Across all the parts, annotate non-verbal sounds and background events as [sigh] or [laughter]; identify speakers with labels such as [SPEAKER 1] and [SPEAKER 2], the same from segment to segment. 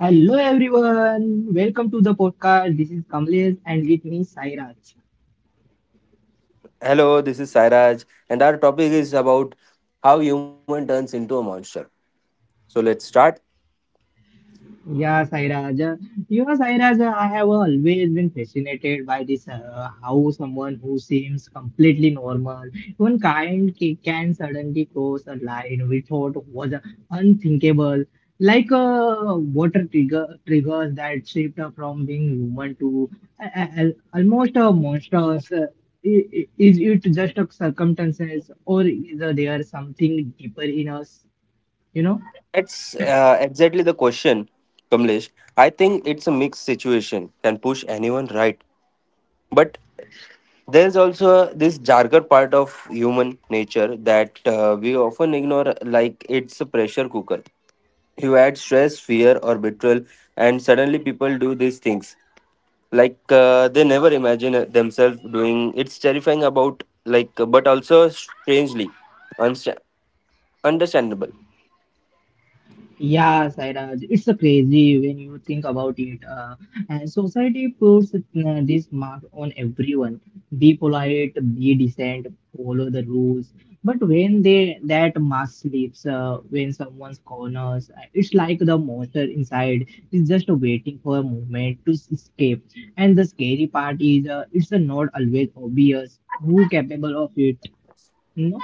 [SPEAKER 1] Hello everyone, welcome to the podcast. This is Kamlesh and with me Sairaj.
[SPEAKER 2] Hello, this is Sairaj, and our topic is about how human turns into a monster. So let's start.
[SPEAKER 1] Yeah, Sai Raja. You know, Sai, I have always been fascinated by this, how someone who seems completely normal, even kind, can suddenly cross a line we thought was unthinkable. Like, water triggers that shift from being human to, uh, uh, almost a monsters. Is it just a circumstances, or is there something deeper in us? You know?
[SPEAKER 2] That's exactly the question, Kamlesh. I think it's a mixed situation, can push anyone right. But there's also this darker part of human nature that we often ignore, like it's a pressure cooker. You add stress, fear, or betrayal, and suddenly people do these things like they never imagine themselves doing it's terrifying about like but also strangely unsta- understandable.
[SPEAKER 1] Yeah, Sairaj, it's a crazy when you think about it. And society puts, this mark on everyone. Be polite, be decent, follow the rules. But when they that mask slips, when someone's corners, it's like the monster inside is just waiting for a moment to escape. And the scary part is, it's, not always obvious who capable of it. No,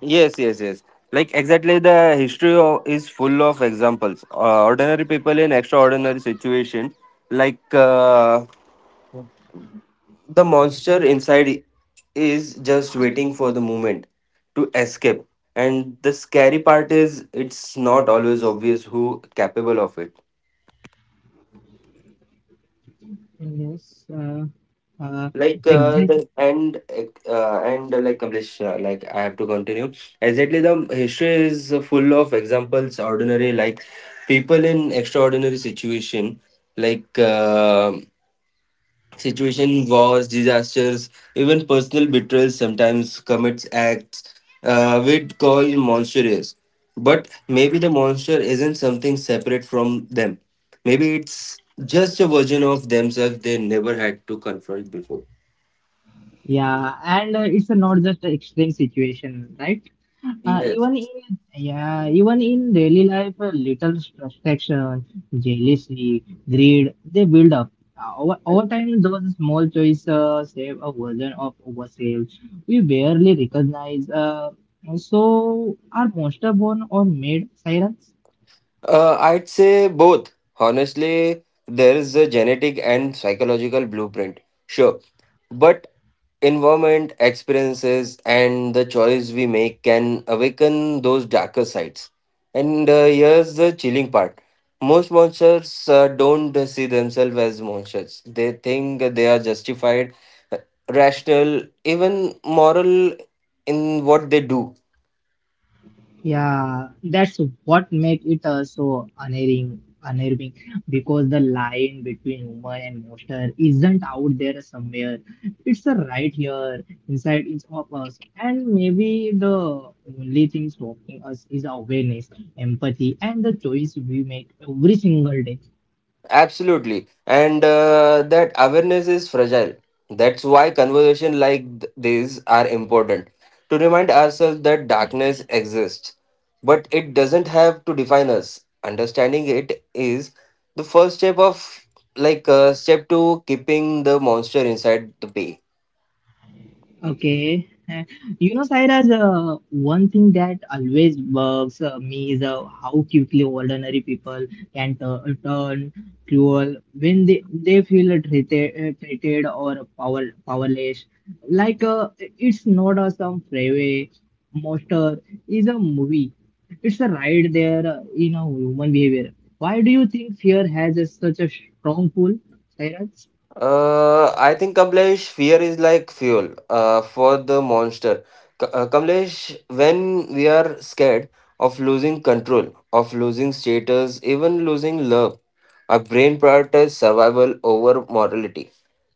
[SPEAKER 2] Yes, yes, yes, like exactly the history of, is full of examples, ordinary people in extraordinary situation like the monster inside is just waiting for the moment to escape, and the scary part is it's not always obvious who capable of it,
[SPEAKER 1] yes, uh,
[SPEAKER 2] like
[SPEAKER 1] exactly.
[SPEAKER 2] the and like Kamlesh, like I have to continue. Exactly, the history is full of examples, ordinary like people in extraordinary situation, like situation wars, disasters, even personal betrayals. Sometimes commits acts we'd call monstrous, but maybe the monster isn't something separate from them. Maybe it's just a version of themselves they never had to confront before.
[SPEAKER 1] Yeah, and it's not just an extreme situation, right?
[SPEAKER 2] Yes.
[SPEAKER 1] Even in, yeah, even in daily life, little frustration, jealousy, greed, they build up. Over time, those small choices save a version of ourselves we barely recognize. So, are monster born or made silence?
[SPEAKER 2] I'd say both. Honestly, there is a genetic and psychological blueprint. Sure. But environment, experiences, and the choice we make can awaken those darker sides. And here's the chilling part. Most monsters don't see themselves as monsters. They think they are justified, rational, even moral in what they do.
[SPEAKER 1] Yeah, that's what make it, so unnerving because the line between human and monster isn't out there somewhere. It's, right here inside each of us, and maybe the only thing stopping us is awareness, empathy, and the choice we make every single day.
[SPEAKER 2] Absolutely. And that awareness is fragile. That's why conversations like these are important to remind ourselves that darkness exists, but it doesn't have to define us. Understanding it is the first step of like step to keeping the monster inside the bay.
[SPEAKER 1] Okay. You know, Sairaj, one thing that always bugs, me is, how quickly ordinary people can turn cruel when they feel treated, treated or powerless. Like, it's not a some freeway monster, it's a movie. It's a ride there, in a human behavior. Why do you think fear has a, such a strong pull, Sairaj?
[SPEAKER 2] I think Kamlesh, fear is like fuel for the monster. Kamlesh, when we are scared of losing control, of losing status, even losing love, our brain prioritizes survival over morality.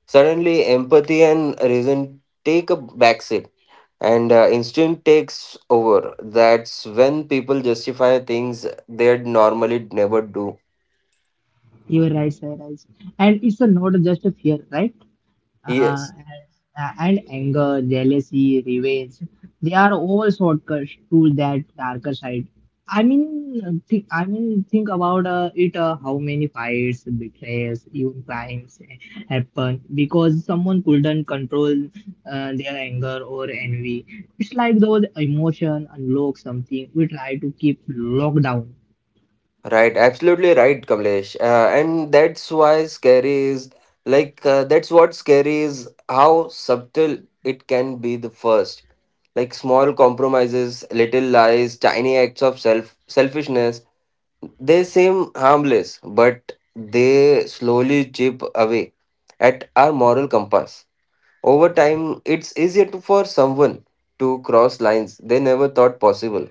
[SPEAKER 2] Suddenly, empathy and reason take a backseat, and instinct takes over. That's when people justify things they'd normally never do.
[SPEAKER 1] You're right, Sairaj. And it's a, not just a fear, right?
[SPEAKER 2] Yes.
[SPEAKER 1] And anger, jealousy, revenge. They are all shortcuts to that darker side. I mean, think about it. How many fights, betrayals, even crimes happen because someone couldn't control their anger or envy. It's like those emotion unlock something we try to keep locked down.
[SPEAKER 2] Right, absolutely right, Kamlesh. And that's why scary is like that's what scary is how subtle it can be the first. Like small compromises, little lies, tiny acts of selfishness, they seem harmless, but they slowly chip away at our moral compass. Over time, it's easier to, for someone to cross lines they never thought possible.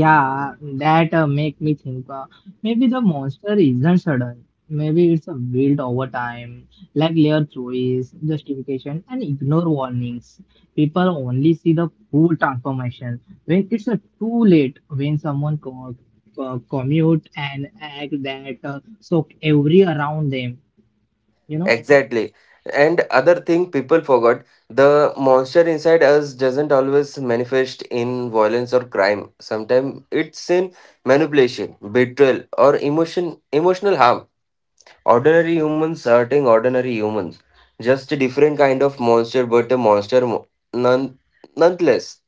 [SPEAKER 1] Yeah, that make me think. Maybe the monster isn't sudden. Maybe it's a built over time, like layer choice, justification, and ignore warnings. People only see the full transformation when it's, too late. When someone commute and act that soak every around them, you know.
[SPEAKER 2] Exactly. And other thing people forgot, the monster inside us doesn't always manifest in violence or crime. Sometimes it's in manipulation, betrayal, or emotional harm. Ordinary humans hurting ordinary humans. Just a different kind of monster, but a monster mo- none nonetheless.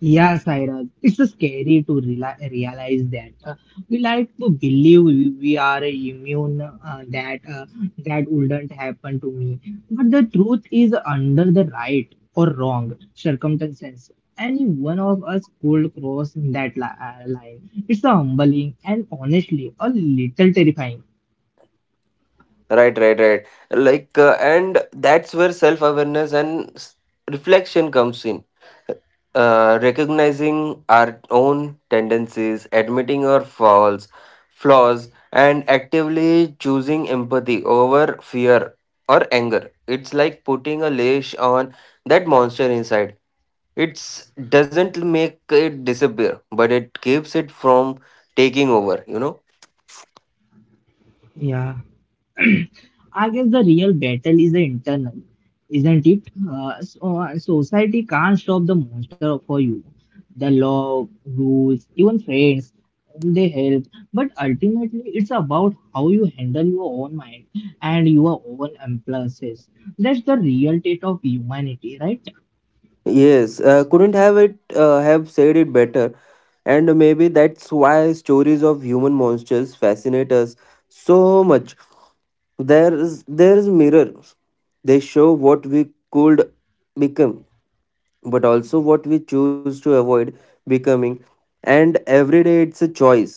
[SPEAKER 1] Yeah, Sairaj, it's so scary to realize that, we like to believe we are immune, that wouldn't happen to me. But the truth is, under the right or wrong circumstances, any one of us could cross that li line. It's a humbling and honestly a little terrifying.
[SPEAKER 2] Right, right, right. Like, and that's where self awareness and reflection comes in, recognizing our own tendencies, admitting our faults, flaws, and actively choosing empathy over fear or anger. It's like putting a leash on that monster inside. It doesn't make it disappear, but it keeps it from taking over, you know?
[SPEAKER 1] Yeah. I guess the real battle is the internal, isn't it? Society can't stop the monster for you. The law, rules, even friends, they help. But ultimately, it's about how you handle your own mind and your own impulses. That's the real state of humanity, right?
[SPEAKER 2] Yes, couldn't have said it better, and maybe that's why stories of human monsters fascinate us so much. There is mirrors, they show what we could become, but also what we choose to avoid becoming, and every day it's a choice.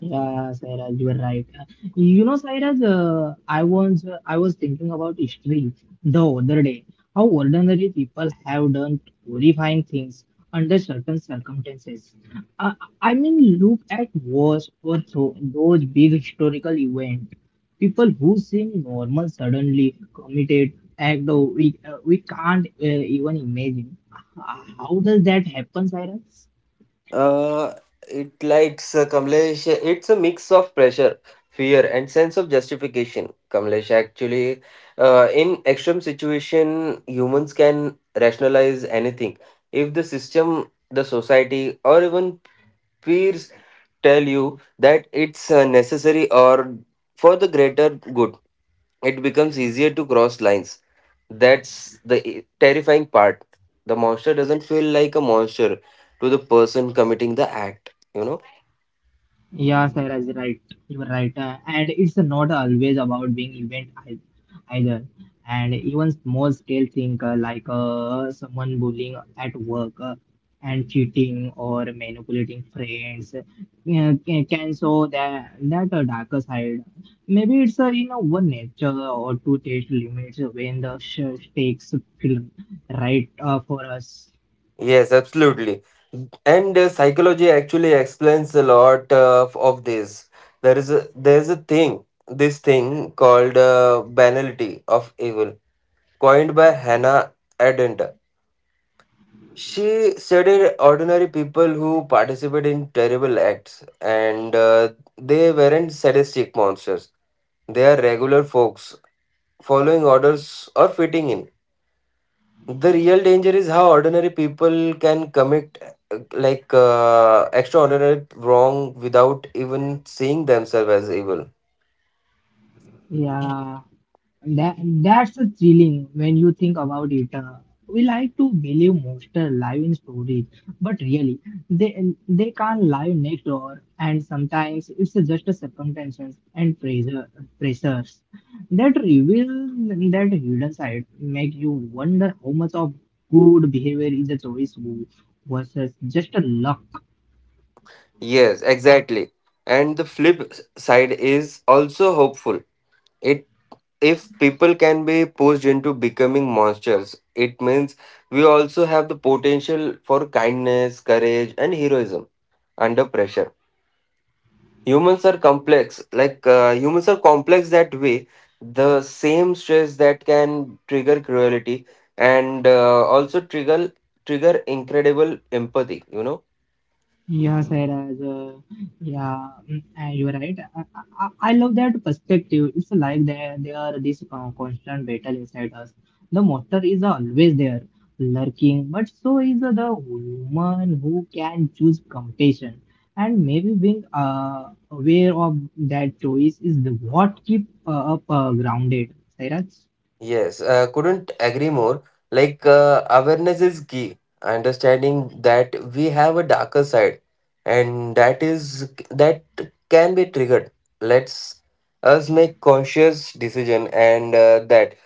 [SPEAKER 1] Yeah, Sairaj, you are right. You know, Sairaj, I was thinking about history the other day. How ordinary people have done horrifying things under certain circumstances. Uh, I mean, look at wars or th those big historical events. People who seem normal suddenly committed act of we can't even imagine. How does that happen, Cyrus?
[SPEAKER 2] Uh it likes Kamlesh, it's a mix of pressure, fear and sense of justification, Kamlesh. Actually, in extreme situation humans can rationalize anything if the system, the society, or even peers tell you that it's necessary or for the greater good, it becomes easier to cross lines. That's the terrifying part. The monster doesn't feel like a monster to the person committing the act, you know?
[SPEAKER 1] Yeah, Sairaj, right. You're right. And it's not always about being either. And even small scale things, someone bullying at work, and cheating or manipulating friends, can show that darker side. Maybe it's, in a one nature or to test limits when the stakes feel right, for us.
[SPEAKER 2] Yes, absolutely. And psychology actually explains a lot of this. There is a thing, this thing called banality of evil, coined by Hannah Arendt. She studied ordinary people who participated in terrible acts, and they weren't sadistic monsters. They are regular folks following orders or fitting in. The real danger is how ordinary people can commit extraordinary wrong without even seeing themselves as evil.
[SPEAKER 1] Yeah. That that's a thrilling when you think about it. We like to believe monsters live in stories, but really they can't live next door, and sometimes it's just a circumstances and pressures that reveal that hidden side. Make you wonder how much of good behavior is a choice versus just a luck.
[SPEAKER 2] Yes, exactly. And the flip side is also hopeful. It. If people can be pushed into becoming monsters, it means we also have the potential for kindness, courage, and heroism under pressure. Humans are complex, like humans are complex that way. The same stress that can trigger cruelty and also trigger incredible empathy. You know.
[SPEAKER 1] Yeah, Sairaj. Yeah, you're right. I love that perspective. It's like there are this, constant battle inside us. The monster is always there, lurking, but so is the woman who can choose competition. And maybe being, aware of that choice is the what keep up grounded, Sairaj.
[SPEAKER 2] Yes, couldn't agree more. Like, awareness is key. Understanding that we have a darker side, and that is that can be triggered. Let's us make conscious decision, and that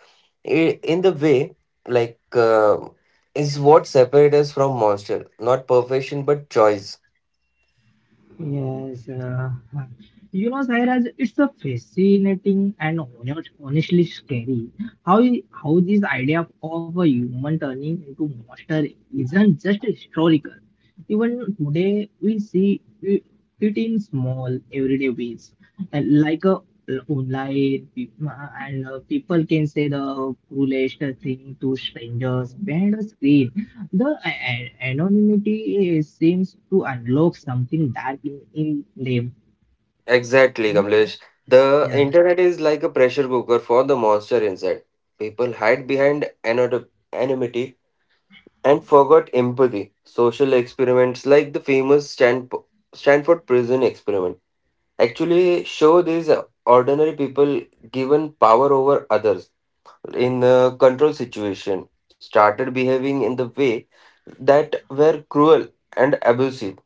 [SPEAKER 2] in the way like is what separates us from monster. Not perfection, but choice.
[SPEAKER 1] Yes, you know, Sairaj, it's a fascinating and honestly scary how how this idea of a human turning into monster isn't just historical. Even today, we see it in small everyday ways, and like a online peop- and people can say the cruelest thing to strangers behind a screen the anonymity seems to unlock something dark in them.
[SPEAKER 2] Exactly, Kamlesh. The
[SPEAKER 1] Yeah.
[SPEAKER 2] internet is like a pressure cooker for the monster inside. People hide behind anonymity and forgot empathy. Social experiments like the famous Stanford prison experiment actually show these ordinary people given power over others in a control situation started behaving in the way that were cruel and abusive,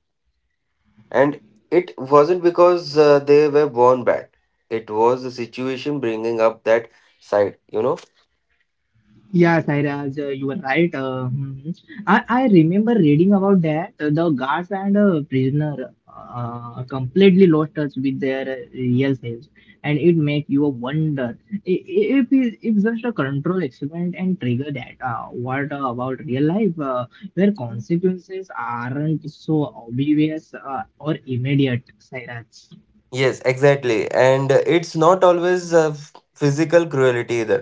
[SPEAKER 2] and it wasn't because they were born bad, it was the situation bringing up that side, you know.
[SPEAKER 1] Yeah, Sairaj, you were right. Mhm. I remember reading about that. The guards and prisoner completely lost touch with their real selves, and it make you wonder if just a control experiment and trigger that. What about real life, where consequences aren't so obvious, or immediate, Sairaj?
[SPEAKER 2] Yes, exactly. And it's not always physical cruelty either.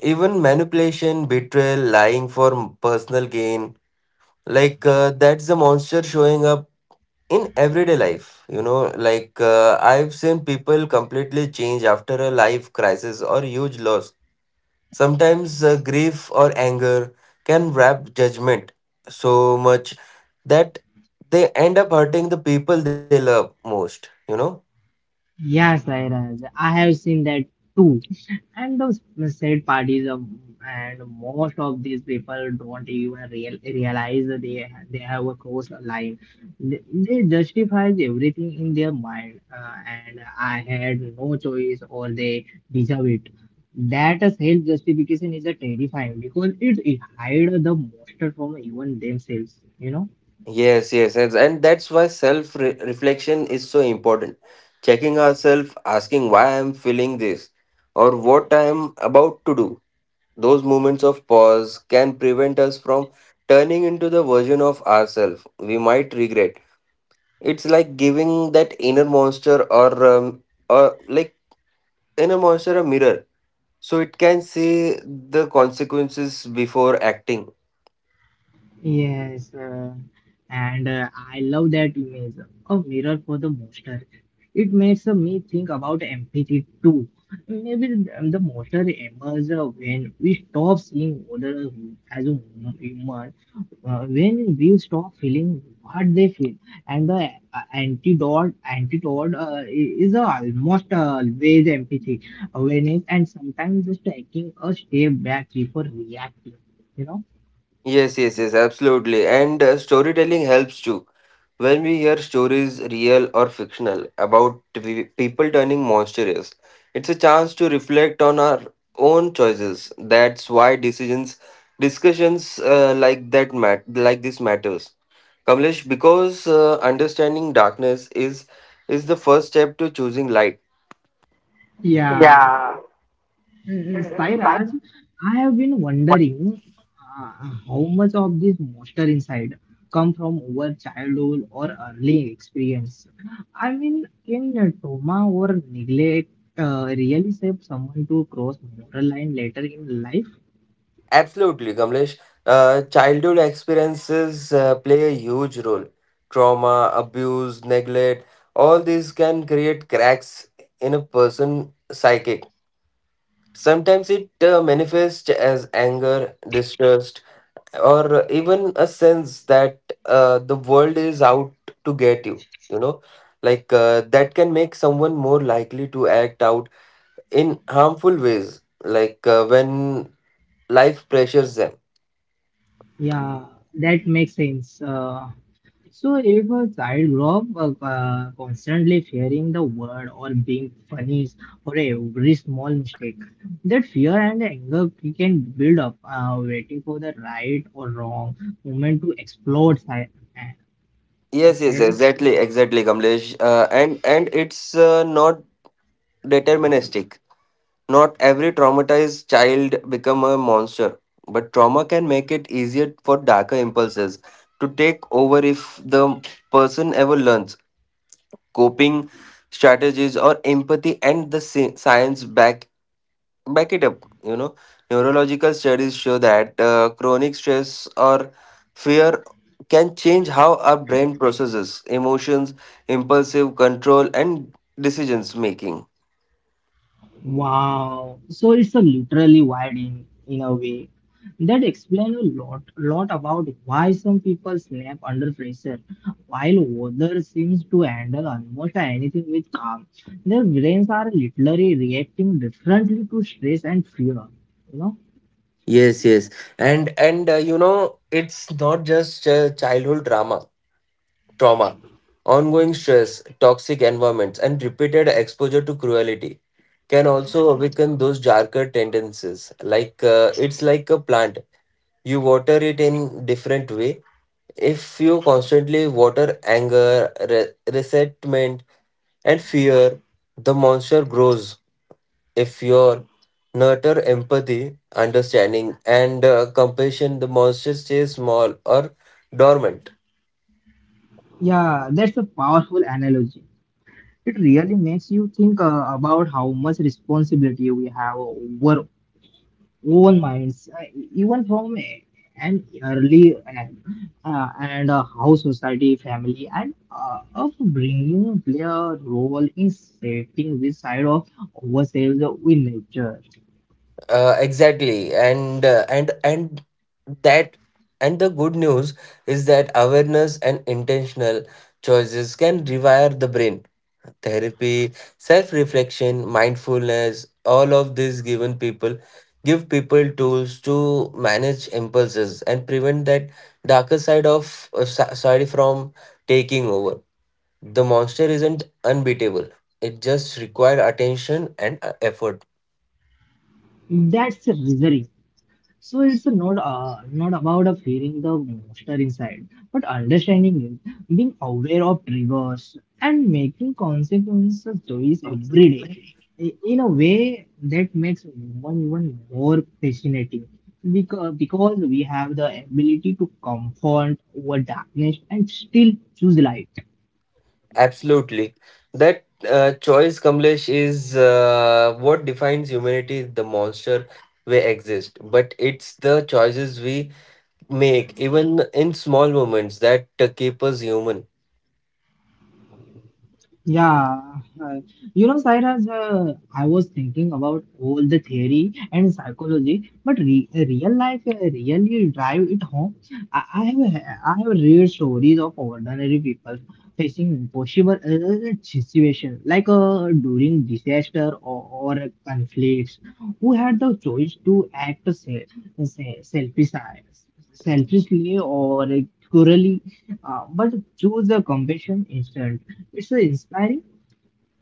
[SPEAKER 2] Even manipulation, betrayal, lying for personal gain, like that's the monster showing up in everyday life. You know, like I've seen people completely change after a life crisis or huge loss. Sometimes grief or anger can wrap judgment so much that they end up hurting the people they love most, you know.
[SPEAKER 1] Yes, Sairaj, I have seen that too. And those said parties of and most of these people don't even realize that they have a crossed line. They justify everything in their mind, and I had no choice or they deserve it. That self justification is a terrifying because it hides the monster from even themselves. You know.
[SPEAKER 2] Yes, yes, yes. And that's why self reflection is so important. Checking ourselves, asking why I'm feeling this or what I'm about to do. Those moments of pause can prevent us from turning into the version of ourselves we might regret. It's like giving that inner monster or, or like inner monster a mirror so it can see the consequences before acting.
[SPEAKER 1] Yes, and I love that image, a mirror for the monster. It makes me think about empathy too. Maybe the monster emerges, when we stop seeing other as a human, when we stop feeling what they feel, and the antidote is, almost always empathy, awareness, and sometimes just taking a step back before reacting. You know?
[SPEAKER 2] Yes, yes, yes, absolutely. And storytelling helps too. When we hear stories, real or fictional, about people turning monstrous, it's a chance to reflect on our own choices. That's why discussions like like this matters. Kamlesh, because understanding darkness is the first step to choosing light.
[SPEAKER 1] Yeah. Sairaj, I have been wondering, uh, how much of this monster inside come from our childhood or early experience. I mean, can trauma or neglect, really shape someone to cross moral line later in life?
[SPEAKER 2] Absolutely, Kamlesh. Childhood experiences play a huge role. Trauma, abuse, neglect, all these can create cracks in a person's psyche. Sometimes it manifests as anger, distrust, or even a sense that the world is out to get you. You know, like that can make someone more likely to act out in harmful ways, like when life pressures them.
[SPEAKER 1] Yeah, that makes sense. So, if a child grow up, constantly fearing the word or being punished for every small mistake, that fear and anger can build up, waiting for the right or wrong moment to explode uh,
[SPEAKER 2] Yes, yes, exactly, exactly, Kamlesh. And it's not deterministic. Not every traumatized child become a monster, but trauma can make it easier for darker impulses to take over if the person ever learns coping strategies or empathy. And the science back it up, you know. Neurological studies show that chronic stress or fear can change how our brain processes emotions, impulsive control, and decisions making.
[SPEAKER 1] Wow. So it's a literally wide in a way. That explains a lot about why some people snap under pressure, while others seems to handle almost anything with calm. Their brains are literally reacting differently to stress and fear. You know?
[SPEAKER 2] Yes, yes, and you know it's not just childhood trauma, ongoing stress, toxic environments, and repeated exposure to cruelty can also awaken those darker tendencies. Like it's like a plant, you water it in different way. If you constantly water anger, resentment and fear, the monster grows. If you nurture empathy, understanding and compassion, the monster stays small or dormant.
[SPEAKER 1] Yeah, that's a powerful analogy. It really makes you think, about how much responsibility we have over own minds, even from an early and, how society, family, and, of bringing play a role in shaping which side of ourselves we nature.
[SPEAKER 2] Exactly, and that and the good news is that awareness and intentional choices can rewire the brain. Therapy, self-reflection, mindfulness, all of these give people tools to manage impulses and prevent that darker side of side from taking over. The monster isn't unbeatable. It just requires attention and effort.
[SPEAKER 1] That's reasoning. So it's not about of fearing the monster inside, but understanding it, being aware of triggers, and making consequences choice every day in a way that makes one even more fascinating. Because we have the ability to confront our darkness and still choose light.
[SPEAKER 2] Absolutely. That choice, Kamlesh, is what defines humanity. The monster we exist, but it's the choices we make, even in small moments, that keep us human.
[SPEAKER 1] Yeah, uh, you know, Cyrus, I was thinking about all the theory and psychology, but re real life really drive it home. I have read stories of ordinary people facing impossible, situation, like, during disaster or conflicts, who had the choice to act se se selfish, selfishly or cruelly, but choose the compassion instead. It's so inspiring.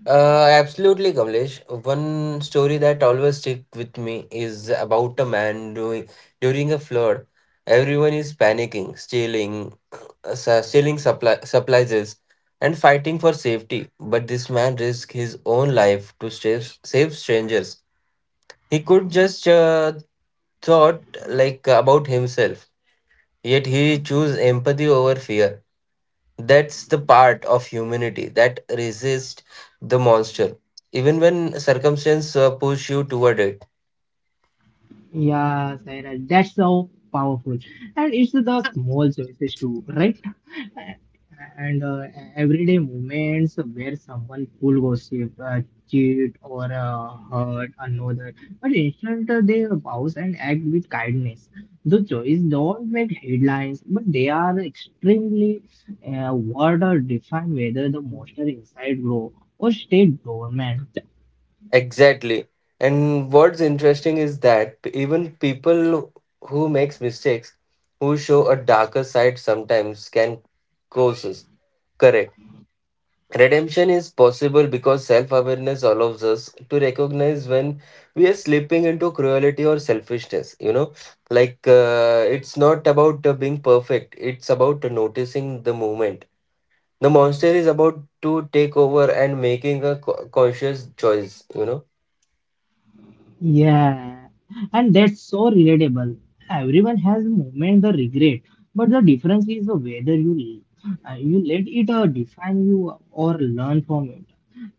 [SPEAKER 2] Absolutely, Kamlesh. One story that always stick with me is about a man doing during a flood. Everyone is panicking, stealing, stealing supplies, and fighting for safety. But this man risked his own life to save strangers. He could just thought like about himself, yet he chose empathy over fear. That's the part of humanity that resists the monster, even when circumstance push you toward it.
[SPEAKER 1] Yeah, Saira, that's so powerful. And it's the small choices too, right? And everyday moments where someone full gossip, cheat, or hurt another, but instead, they pause and act with kindness. The choice don't make headlines, but they are extremely, what or define whether the monster inside grow or stay dormant.
[SPEAKER 2] Exactly. And what's interesting is that even people who makes mistakes, who show a darker side sometimes can cause. Correct. Redemption is possible because self-awareness allows us to recognize when we are slipping into cruelty or selfishness. You know, like it's not about being perfect. It's about noticing the moment. The monster is about to take over and making a conscious choice. You know.
[SPEAKER 1] Yeah, and that's so relatable. Everyone has moment the regret, but the difference is whether you let it, define you or learn from it.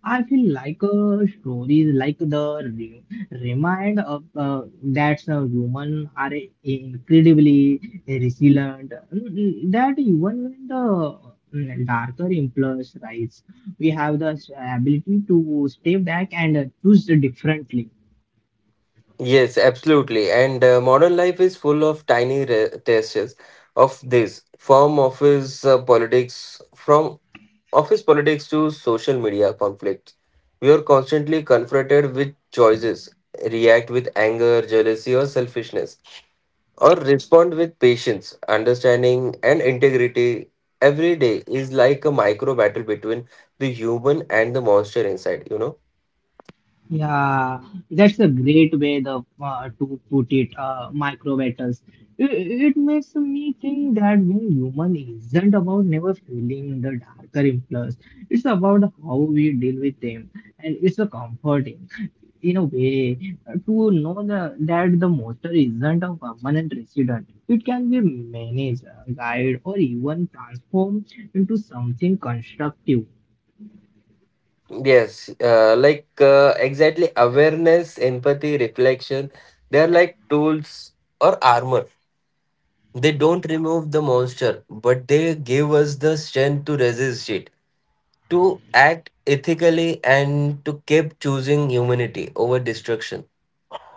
[SPEAKER 1] I feel like, stories like the remind of, that, human are incredibly resilient. That even when the darker impulse rise, we have the ability to stay back and, choose differently.
[SPEAKER 2] Yes, absolutely. And modern life is full of tiny tests of this from office politics to social media conflicts. We are constantly confronted with choices, react with anger, jealousy, or selfishness, or respond with patience, understanding, and integrity. Every day is like a micro battle between the human and the monster inside, you know.
[SPEAKER 1] Yeah, that's a great way to put it, micro battles. It makes me think that being human isn't about never feeling the darker impulse. It's about how we deal with them, and it's a comforting, in a way, to know that the monster isn't a permanent resident. It can be managed, guided, or even transformed into something constructive.
[SPEAKER 2] Yes, exactly awareness, empathy, reflection, they are like tools or armor. They don't remove the monster, but they give us the strength to resist it, to act ethically, and to keep choosing humanity over destruction.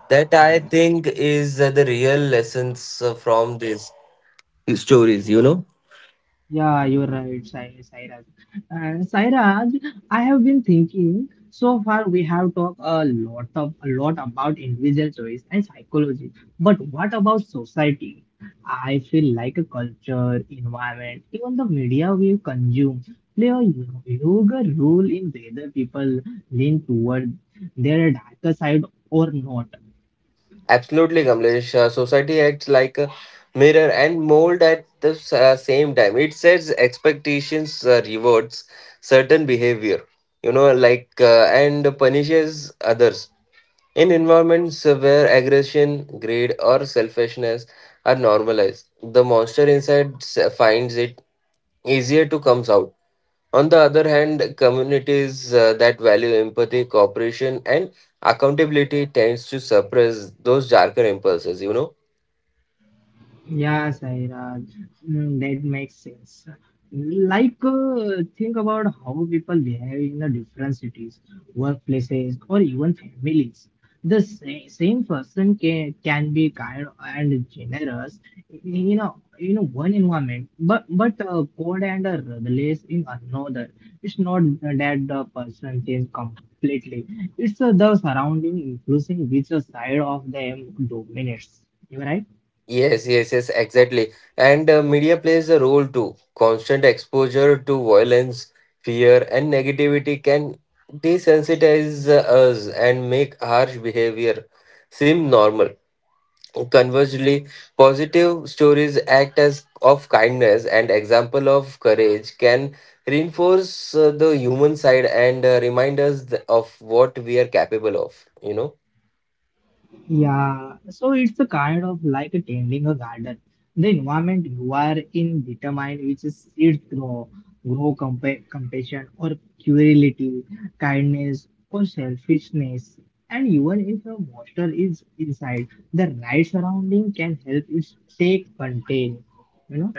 [SPEAKER 2] That I think is the real lessons from these stories, you know.
[SPEAKER 1] Yeah, you're right, Sairaj. And Sairaj, I have been thinking so far we have talked a lot about individual choice and psychology, but what about society? I feel like a culture, environment, even the media we consume play a huge role in whether people lean toward their darker side or not.
[SPEAKER 2] Absolutely, Kamlesh. Society acts like a mirror and mold at the same time. It sets expectations, rewards certain behavior, you know, and punishes others. In environments where aggression, greed, or selfishness are normalized, the monster inside finds it easier to come out. On the other hand, communities that value empathy, cooperation, and accountability tends to suppress those darker impulses, you know?
[SPEAKER 1] Yeah, Sairaj, that makes sense. Like, think about how people behave in the different cities, workplaces, or even families. The same person can be kind and generous in in a, in a one environment, but cold and rebellious in another. It's not that the person changed completely. It's the surrounding influencing which side of them dominates. Am I right?
[SPEAKER 2] Yes, yes, yes, exactly. And media plays a role too. Constant exposure to violence, fear, and negativity can desensitize us and make harsh behavior seem normal. Conversely, positive stories act as of kindness and example of courage can reinforce the human side and remind us of what we are capable of, you know.
[SPEAKER 1] Yeah, so it's a kind of like tending a garden. The environment you are in determine which seeds grow, compassion or curiosity, kindness or selfishness. And even if a monster is inside, the right surrounding can help it stay contained. You know?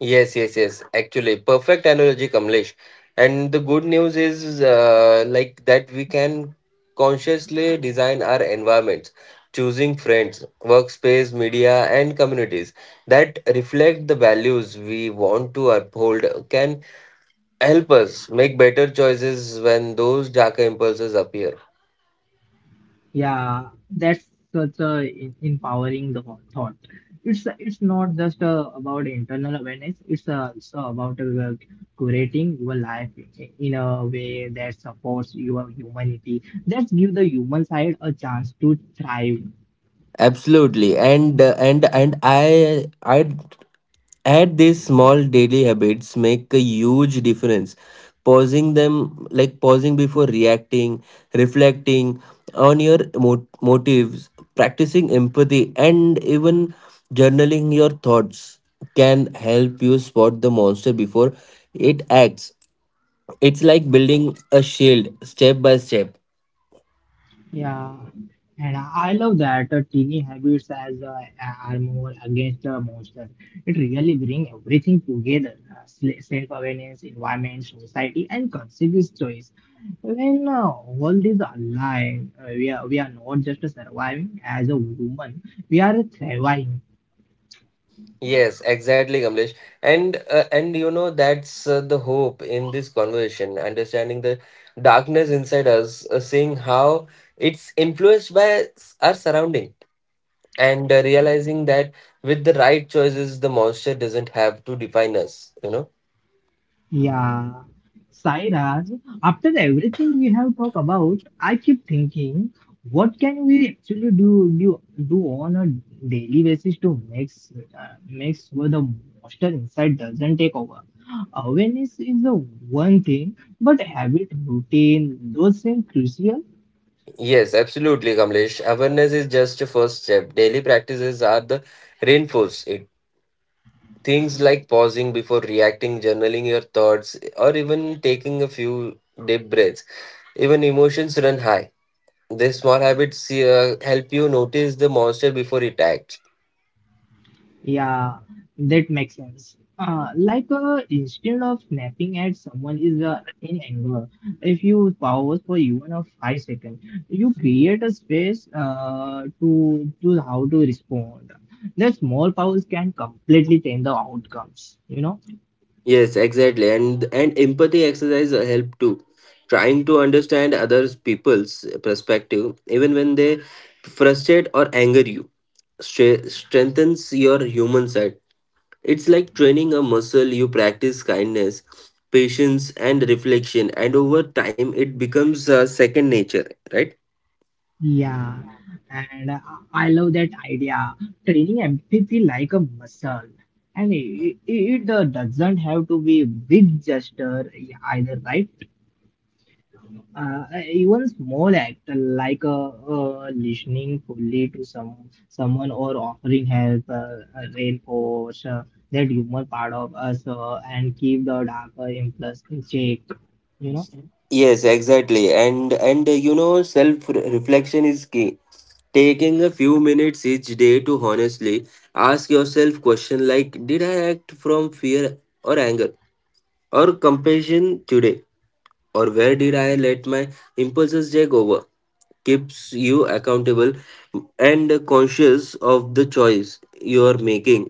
[SPEAKER 2] Yes, yes, yes. Actually, perfect analogy, Kamlesh. And the good news is that we can consciously design our environments, choosing friends, workspace, media, and communities that reflect the values we want to uphold can help us make better choices when those darker impulses appear.
[SPEAKER 1] Yeah, that's such a empowering the whole thought. It's not just about internal awareness. It's also about curating your life in a way that supports your humanity. That give the human side a chance to thrive.
[SPEAKER 2] Absolutely, and I add these small daily habits make a huge difference. Pausing them, like pausing before reacting, reflecting on your motives, practicing empathy, and even journaling your thoughts can help you spot the monster before it acts. It's like building a shield step by step.
[SPEAKER 1] Yeah, and I love that teeny habits as are more against the monster. It really brings everything together: self awareness, environment, society, and conscious choice. When all these align, we are not just surviving as a human; we are thriving.
[SPEAKER 2] Yes, exactly, Kamlesh. And you know that's the hope in this conversation, understanding the darkness inside us, seeing how it's influenced by our surrounding, and realizing that with the right choices, the monster doesn't have to define us. You know.
[SPEAKER 1] Yeah, Sairaj, after everything we have talked about, I keep thinking, what can we actually do on a daily basis to make sure the monster inside doesn't take over? Awareness is the one thing, but habit, routine, those seem crucial.
[SPEAKER 2] Yes, absolutely, Kamlesh. Awareness is just a first step. Daily practices are the reinforce it. Things like pausing before reacting, journaling your thoughts, or even taking a few deep breaths. Even emotions run high. These small habits help you notice the monster before it acts.
[SPEAKER 1] Yeah, that makes sense. Like, instead of snapping at someone is in anger, if you pause for even a 5 second, you create a space to choose how to respond. That small pause can completely change the outcomes. You know.
[SPEAKER 2] Yes, exactly. And empathy exercise help too. Trying to understand others people's perspective, even when they frustrate or anger you, strengthens your human side. It's like training a muscle. You practice kindness, patience, and reflection, and over time, it becomes second nature. Right.
[SPEAKER 1] Yeah, and I love that idea. Training empathy like a muscle. And it doesn't have to be big gesture either, right? Even small act like listening fully to someone or offering help reinforce that human part of us and keep the darker impulse in check you know
[SPEAKER 2] Yes, exactly. And you know, self-reflection is key. Taking a few minutes each day to honestly ask yourself question like did I act from fear or anger or compassion today, or where did I let my impulses take over, keeps you accountable and conscious of the choice you are making.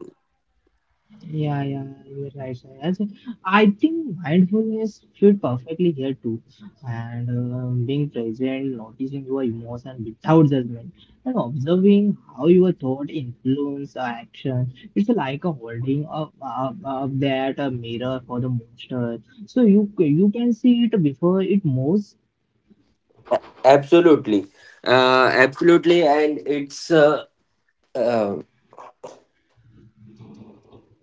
[SPEAKER 1] Yeah, yeah, you're right, sir. As in, I think mindfulness fit perfectly here too, and being present, noticing your emotion without judgment, and observing how your thought influence our action. It's like a holding up that a mirror for the monster, so you can see it before it moves.
[SPEAKER 2] Absolutely. Absolutely and it's uh,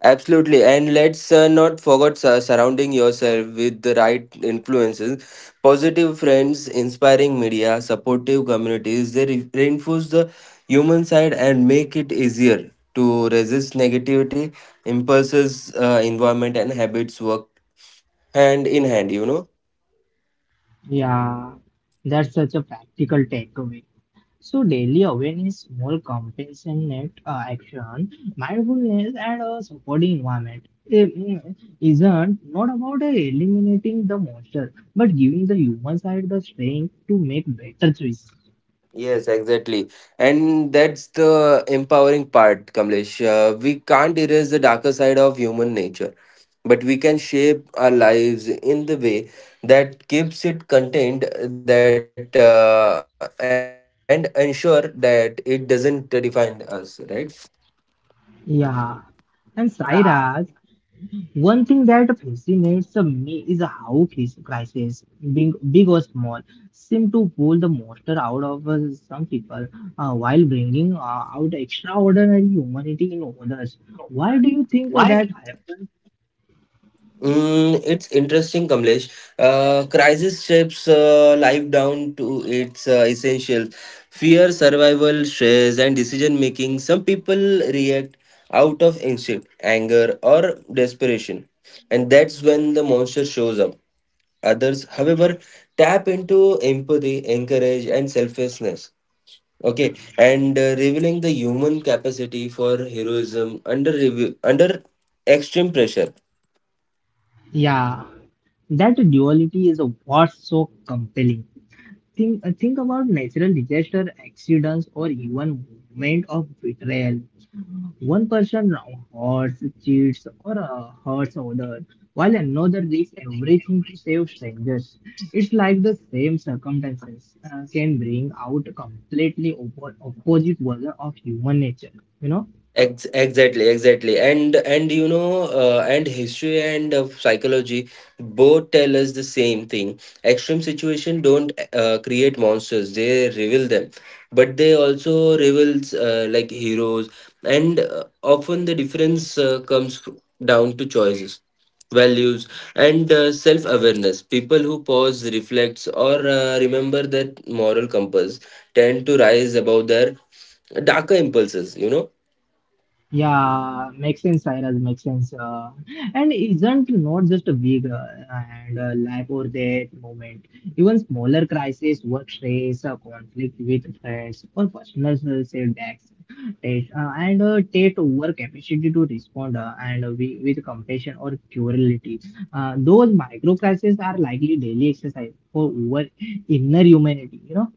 [SPEAKER 2] Absolutely, and let's not forget surrounding yourself with the right influences. Positive friends, inspiring media, supportive communities, they reinforce the human side and make it easier to resist negativity, impulses, environment, and habits work hand in hand, you know.
[SPEAKER 1] Yeah, that's such a practical takeaway. So daily awareness, more compassionate action, mindfulness, and a supporting environment isn't not about eliminating the monster, but giving the human side the strength to make better choices.
[SPEAKER 2] Yes, exactly. And that's the empowering part, Kamlesh. We can't erase the darker side of human nature, but we can shape our lives in the way that keeps it contained that and ensure that it doesn't define us, right?
[SPEAKER 1] Yeah, and Sairaj, one thing that fascinates me is how crises, big or small, seem to pull the monster out of some people while bringing out extraordinary humanity in others. Why do you think that happens?
[SPEAKER 2] Mm, it's interesting, Kamlesh. Crisis shapes life down to its essentials: fear, survival, stress, and decision making. Some people react out of instinct, anger, or desperation, and that's when the monster shows up. Others, however, tap into empathy, encourage, and selflessness. Okay, and revealing the human capacity for heroism under extreme pressure.
[SPEAKER 1] Yeah, that duality is what's so compelling. Think about natural disaster, accidents, or even movement of betrayal. One person now hoards, cheats, or hurts others, while another risks everything to save strangers. It's like the same circumstances can bring out a completely opposite version of human nature, you know?
[SPEAKER 2] Exactly exactly. And you know, and history and psychology both tell us the same thing: extreme situation don't create monsters, they reveal them, but they also reveals heroes, and often the difference comes down to choices, values, and self awareness. People who pause reflects or remember that moral compass tend to rise above their darker impulses, you know.
[SPEAKER 1] Yeah, makes sense, Cyrus, makes sense. And isn't not just a big and life or death moment. Even smaller crises, work stress, conflict with friends, or personal setbacks, test our capacity to respond, and we, with compassion or curiosity. Those micro crises are likely daily exercise for our inner humanity, you know.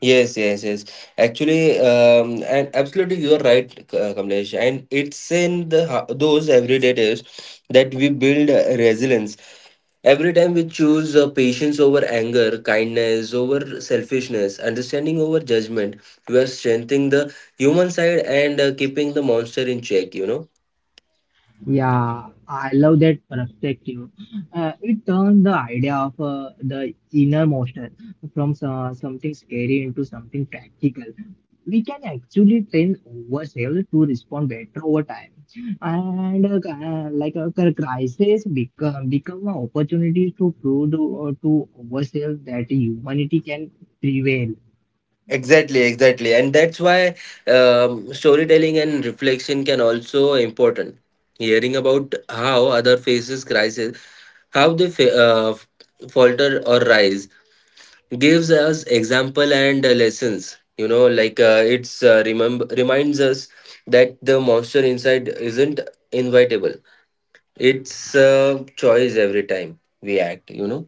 [SPEAKER 2] Yes, yes, yes. Actually, and absolutely, you are right, Kamlesh. And it's in the those everyday days that we build resilience. Every time we choose patience over anger, kindness over selfishness, understanding over judgment, we are strengthening the human side and keeping the monster in check. You know.
[SPEAKER 1] Yeah, I love that perspective. It turned the idea of the inner monster from something scary into something practical. We can actually train ourselves to respond better over time, and like a crisis become an opportunity to prove to ourselves that humanity can prevail.
[SPEAKER 2] Exactly exactly. and that's why storytelling and reflection can also important. Hearing about how other faces crisis, how they falter or rise, gives us example and lessons, you know, like it's remember reminds us that the monster inside isn't invitable. It's a choice every time we act, you know.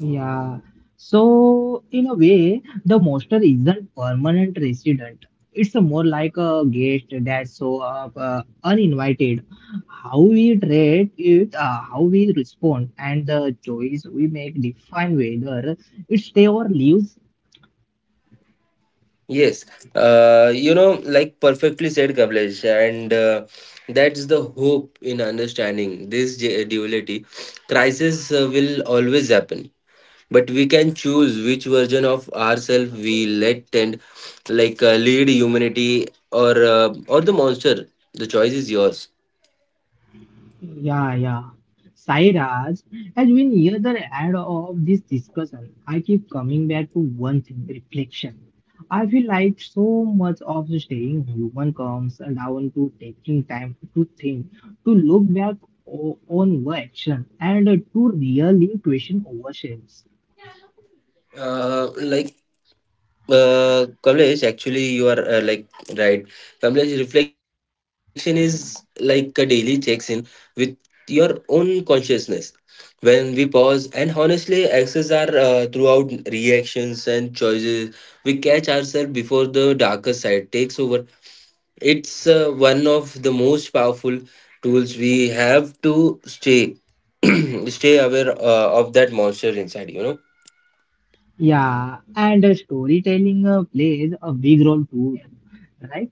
[SPEAKER 1] Yeah. So in a way, the monster isn't permanent resident. It's a more like a guest that show up uninvited. How we treat it, how we respond, and the choice we make define whether it stay or leaves.
[SPEAKER 2] Yes, you know, like perfectly said, Kavlesh, and that's the hope in understanding this duality. Crisis will always happen, but we can choose which version of ourselves we let tend, lead humanity or the monster. The choice is yours.
[SPEAKER 1] Yeah, yeah. Sairaj, as we near the end of this discussion, I keep coming back to one thing reflection. I feel like so much of staying human comes down to taking time to think, to look back on our action, and to really question ourselves.
[SPEAKER 2] Uh, like Kamlesh, actually, you are right. Kamlesh, reflection is like a daily checks in with your own consciousness. When we pause and honestly access our throughout reactions and choices, we catch ourselves before the darker side takes over. It's one of the most powerful tools we have to stay [clears throat] stay aware of that monster inside. You know.
[SPEAKER 1] Yeah, and storytelling plays a big role too. Right?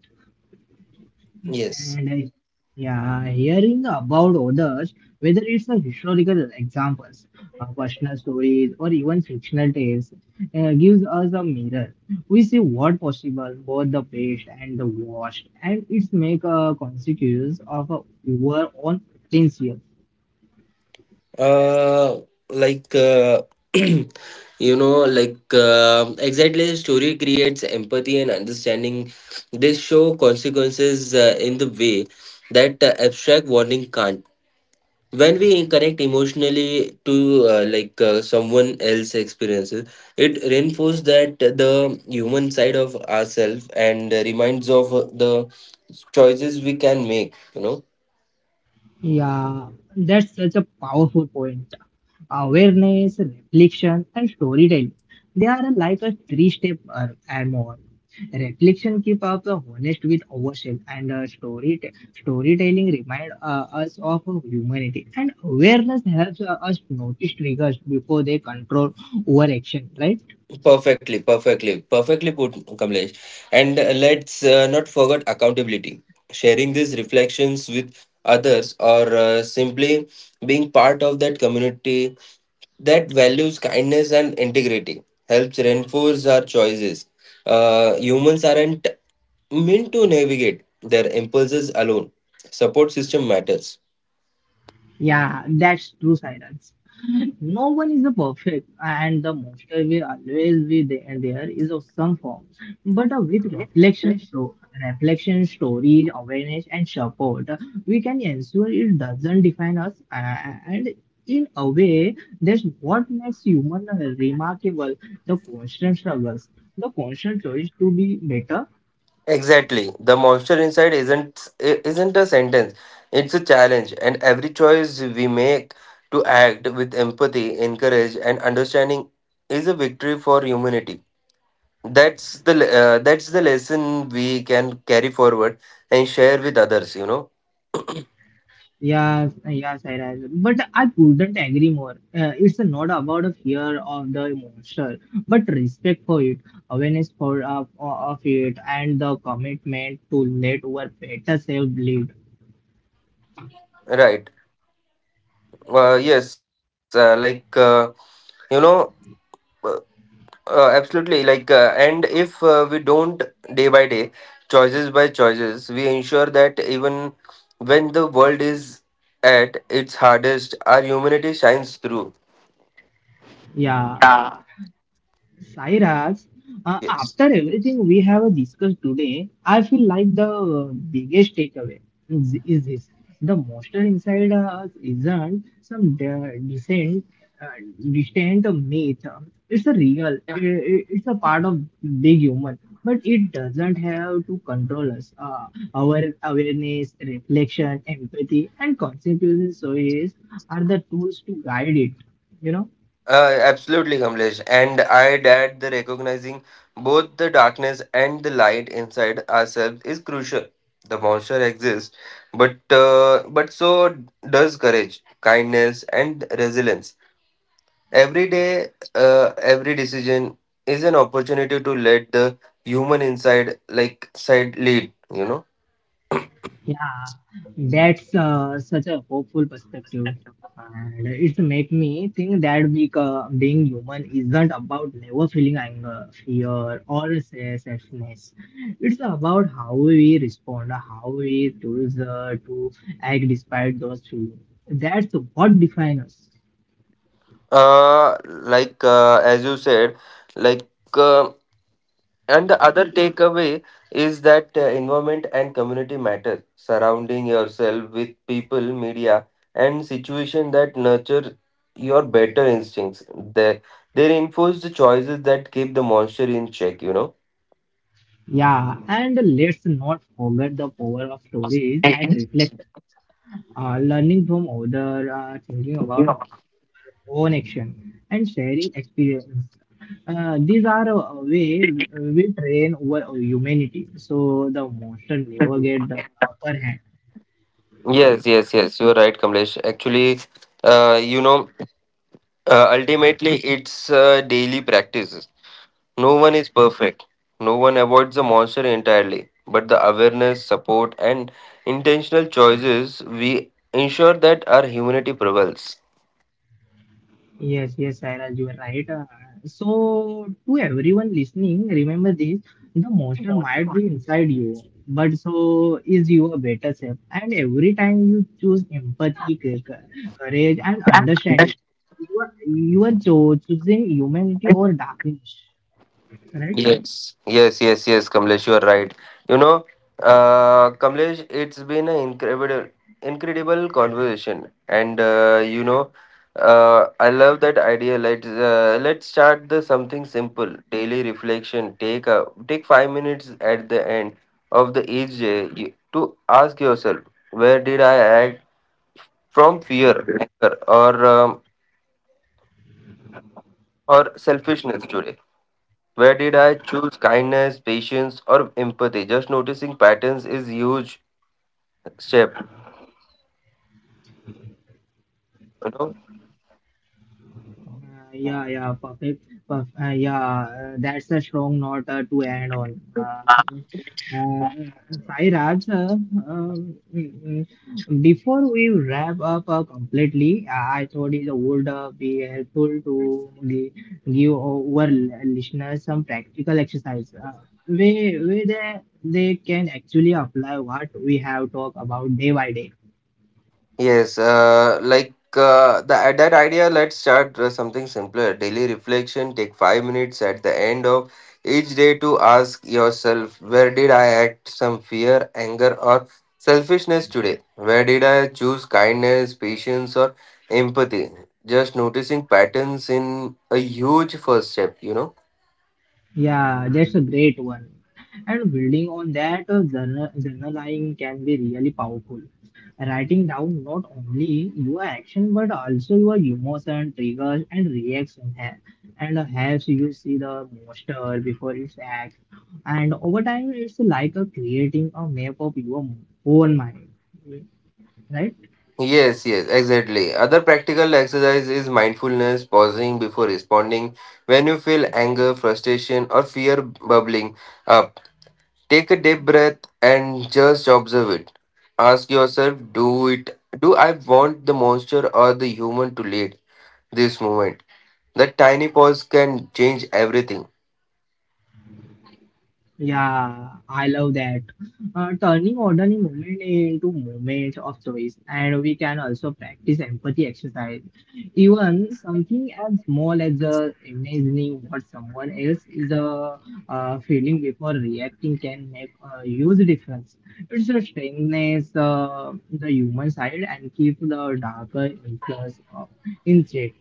[SPEAKER 2] Yes.
[SPEAKER 1] And yeah, hearing about others, whether it's a historical examples, personal stories, or even fictional tales, gives us a mirror. We see what possible, both the best and the worst, and it make a consequence of our own potential.
[SPEAKER 2] uh like uh, [clears throat] exactly the story creates empathy and understanding. They show consequences in the way that abstract warning can't. When we connect emotionally to someone else's experiences, it reinforces that the human side of ourselves and reminds of the choices we can make, you know.
[SPEAKER 1] Yeah, that's such a powerful point. Awareness, reflection, and storytelling. They are like a three-step and more. Reflection keep us honest with ourselves, and storytelling remind us of humanity. And awareness helps us notice triggers before they control our action. Right?
[SPEAKER 2] Perfectly, perfectly, perfectly put, Kamlesh. And let's not forget accountability. Sharing these reflections with others, or simply being part of that community that values kindness and integrity, helps reinforce our choices. Humans aren't meant to navigate their impulses alone. Support system matters.
[SPEAKER 1] Yeah, that's true silence. And no one is a perfect, and the monster will always be there, there is of some form. But with reflection, reflection, story, awareness, and support, we can ensure it doesn't define us. And in a way, that's what makes human remarkable: the constant struggles, the constant choice to be better.
[SPEAKER 2] Exactly. The monster inside isn't a sentence. It's a challenge, and every choice we make to act with empathy, encourage, and understanding is a victory for humanity. That's the lesson we can carry forward and share with others. You know.
[SPEAKER 1] Yeah, yeah, Iraz. But I couldn't agree more. It's not about a fear of the
[SPEAKER 2] Sorry.
[SPEAKER 1] monster, but respect for it, awareness for of it, and the commitment to let our better self lead.
[SPEAKER 2] Right. Yes. Like. You know. Uh, Absolutely. Like, and If we don't day by day, choices by choices, we ensure that even when the world is at its hardest, our humanity shines through.
[SPEAKER 1] Yeah. Sairaj,
[SPEAKER 2] Yes.
[SPEAKER 1] after everything we have discussed today, I feel like the biggest takeaway is this. The monster inside us isn't some uh, distant myth. It's a real, it's a part of big human, but it doesn't have to control us. Our awareness, reflection, empathy, and consequences so yes, are the tools to guide it, you know.
[SPEAKER 2] Absolutely, Kamlesh. And I'd add the recognizing both the darkness and the light inside ourselves is crucial. The monster exists, but so does courage, kindness, and resilience. Every day, every decision is an opportunity to let the human inside, like side lead. You know,
[SPEAKER 1] Yeah, that's such a hopeful perspective. And it's make me think that being human isn't about never feeling anger, fear, or sadness. It's about how we respond, how we choose to act despite those feelings. That's what defines us.
[SPEAKER 2] as you said, like uh, and the other takeaway is that environment and community matter. Surrounding yourself with people, media, and situation that nurture your better instincts. They reinforce the choices that keep the monster in check. You know.
[SPEAKER 1] Yeah, and let's not forget the power of stories and reflect. Learning from other, thinking about own action and sharing experience. These are a way we train our humanity, so the monster never get the upper hand.
[SPEAKER 2] Yes, yes, yes. You're right, Kamlesh. Actually, uh, you know, ultimately, it's daily practice. No one is perfect. No one avoids the monster entirely. But the awareness, support, and intentional choices, we ensure that our humanity prevails.
[SPEAKER 1] Yes, yes, Sairaj, you are right. So, to everyone listening, remember this: the monster might be inside you, but so is your better self. And every time you choose empathy, courage, and understanding, you are choosing humanity or darkness, right?
[SPEAKER 2] Yes, yes, yes, yes, Kamlesh, you are right. You know, Kamlesh, it's been an incredible, incredible conversation, and I love that idea. Let's start the something simple daily reflection. Take 5 minutes at the end of the each day to ask yourself, where did I act from fear, anger, or selfishness today? Where did I choose kindness, patience, or empathy? Just noticing patterns is huge step. You know?
[SPEAKER 1] Uh, yeah, yeah, perfect. Perf Yeah, that's a strong note to end on. Uh, Sai Raj, before we wrap up completely, I thought it would be helpful to give our listeners some practical exercise, where they can actually apply what we have talked about day by day.
[SPEAKER 2] Yes. Like the at That idea. Let's start something simpler. Daily reflection. Take 5 minutes at the end of each day to ask yourself, where did I act some fear, anger, or selfishness today? Where did I choose kindness, patience, or empathy? Just noticing patterns in a huge first step. You know.
[SPEAKER 1] Yeah, that's a great one. And building on that, journaling can be really powerful. Writing down not only your action but also your emotion, triggers, and reaction, and helps you see the monster before it acts. And over time, it's like creating a map of your own mind, right?
[SPEAKER 2] Yes, yes, exactly. Other practical exercise is mindfulness, pausing before responding. When you feel anger, frustration, or fear bubbling up, take a deep breath and just observe it. Ask yourself, do I want the monster or the human to lead this moment? That tiny pause can change everything.
[SPEAKER 1] Yeah, I love that. Turning ordinary moment into moments of choice, and we can also practice empathy exercise. Even something as small as imagining what someone else is feeling before reacting can make a huge difference. It's a strengthness the human side and keep the darker influence in check.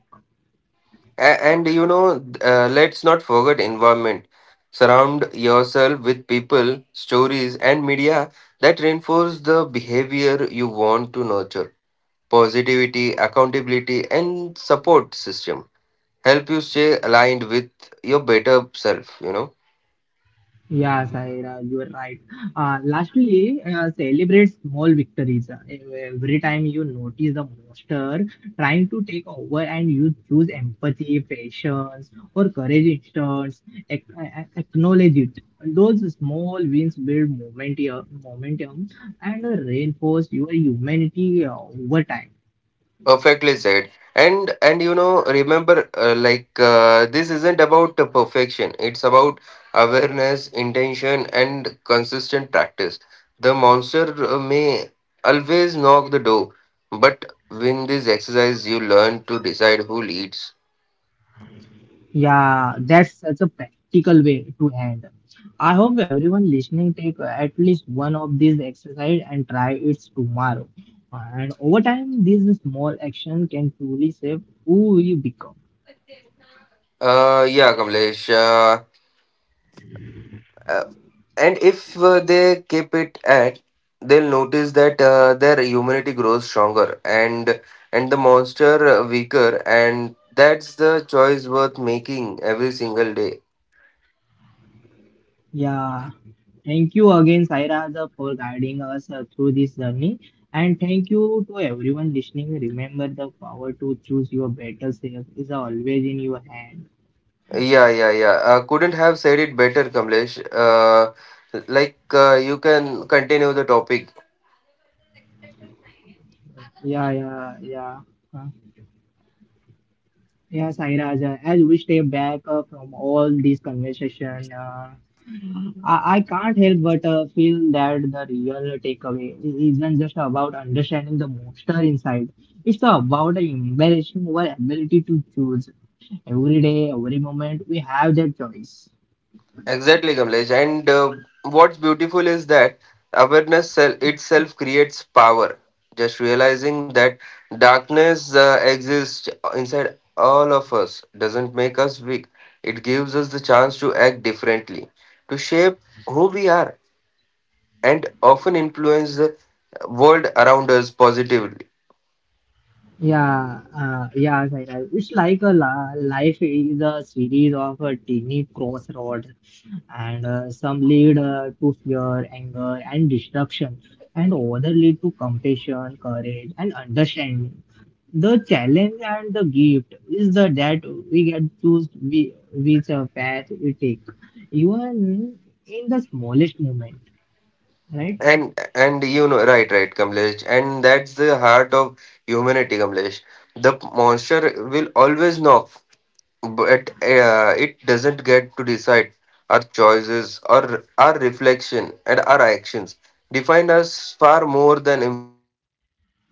[SPEAKER 2] A- and you know th- Let's not forget environment, surround yourself with people, stories, and media that reinforce the behavior you want to nurture. Positivity, accountability, and support system help you stay aligned with your better self.
[SPEAKER 1] Yeah, Sahira, you are right. Lastly, celebrate small victories. Every time you notice a monster trying to take over and you choose empathy, patience, or courage instance, acknowledge it. Those small wins build momentum and reinforce your humanity over time.
[SPEAKER 2] Perfectly said. And remember, this isn't about the perfection. It's about awareness, intention, and consistent practice. The monster may always knock the door, but win this exercise, you learn to decide who leads.
[SPEAKER 1] Yeah, that's such a practical way to end. I hope everyone listening take at least one of these exercise and try it tomorrow. And over time, these small action can truly save who we become.
[SPEAKER 2] Yeah, Kamlesh. Uh, and if they keep it at, they'll notice that their humanity grows stronger and the monster weaker, and that's the choice worth making every single day.
[SPEAKER 1] Yeah, thank you again, Saira, for guiding us through this journey. And thank you to everyone listening. Remember, the power to choose your better self is always in your hand.
[SPEAKER 2] Yeah, yeah, yeah, I couldn't have said it better, Kamlesh. uh, you can continue the topic.
[SPEAKER 1] Yeah, yeah, yeah. Uh, Yeah, Sairaj, as we step back from all this conversation, I can't help but feel that the real takeaway isn't just about understanding the monster inside. It's about embracing our ability to choose every day, every moment. We have that choice.
[SPEAKER 2] Exactly, Kamlesh. And what's beautiful is that itself creates power. Just realizing that darkness exists inside all of us doesn't make us weak. It gives us the chance to act differently, to shape who we are, and often influence the world around us positively.
[SPEAKER 1] Yeah, Sairaj. It's like life is a series of tiny crossroads. And some lead to fear, anger, and destruction, and other lead to compassion, courage, and understanding. The challenge and the gift is the that we get choose we, which path we take, even in the smallest moment, right?
[SPEAKER 2] Right, right, Kamlesh. And that's the heart of humanity, Kamlesh. The monster will always knock, but it doesn't get to decide our choices or our reflection, and our actions define us far more than impulses over code,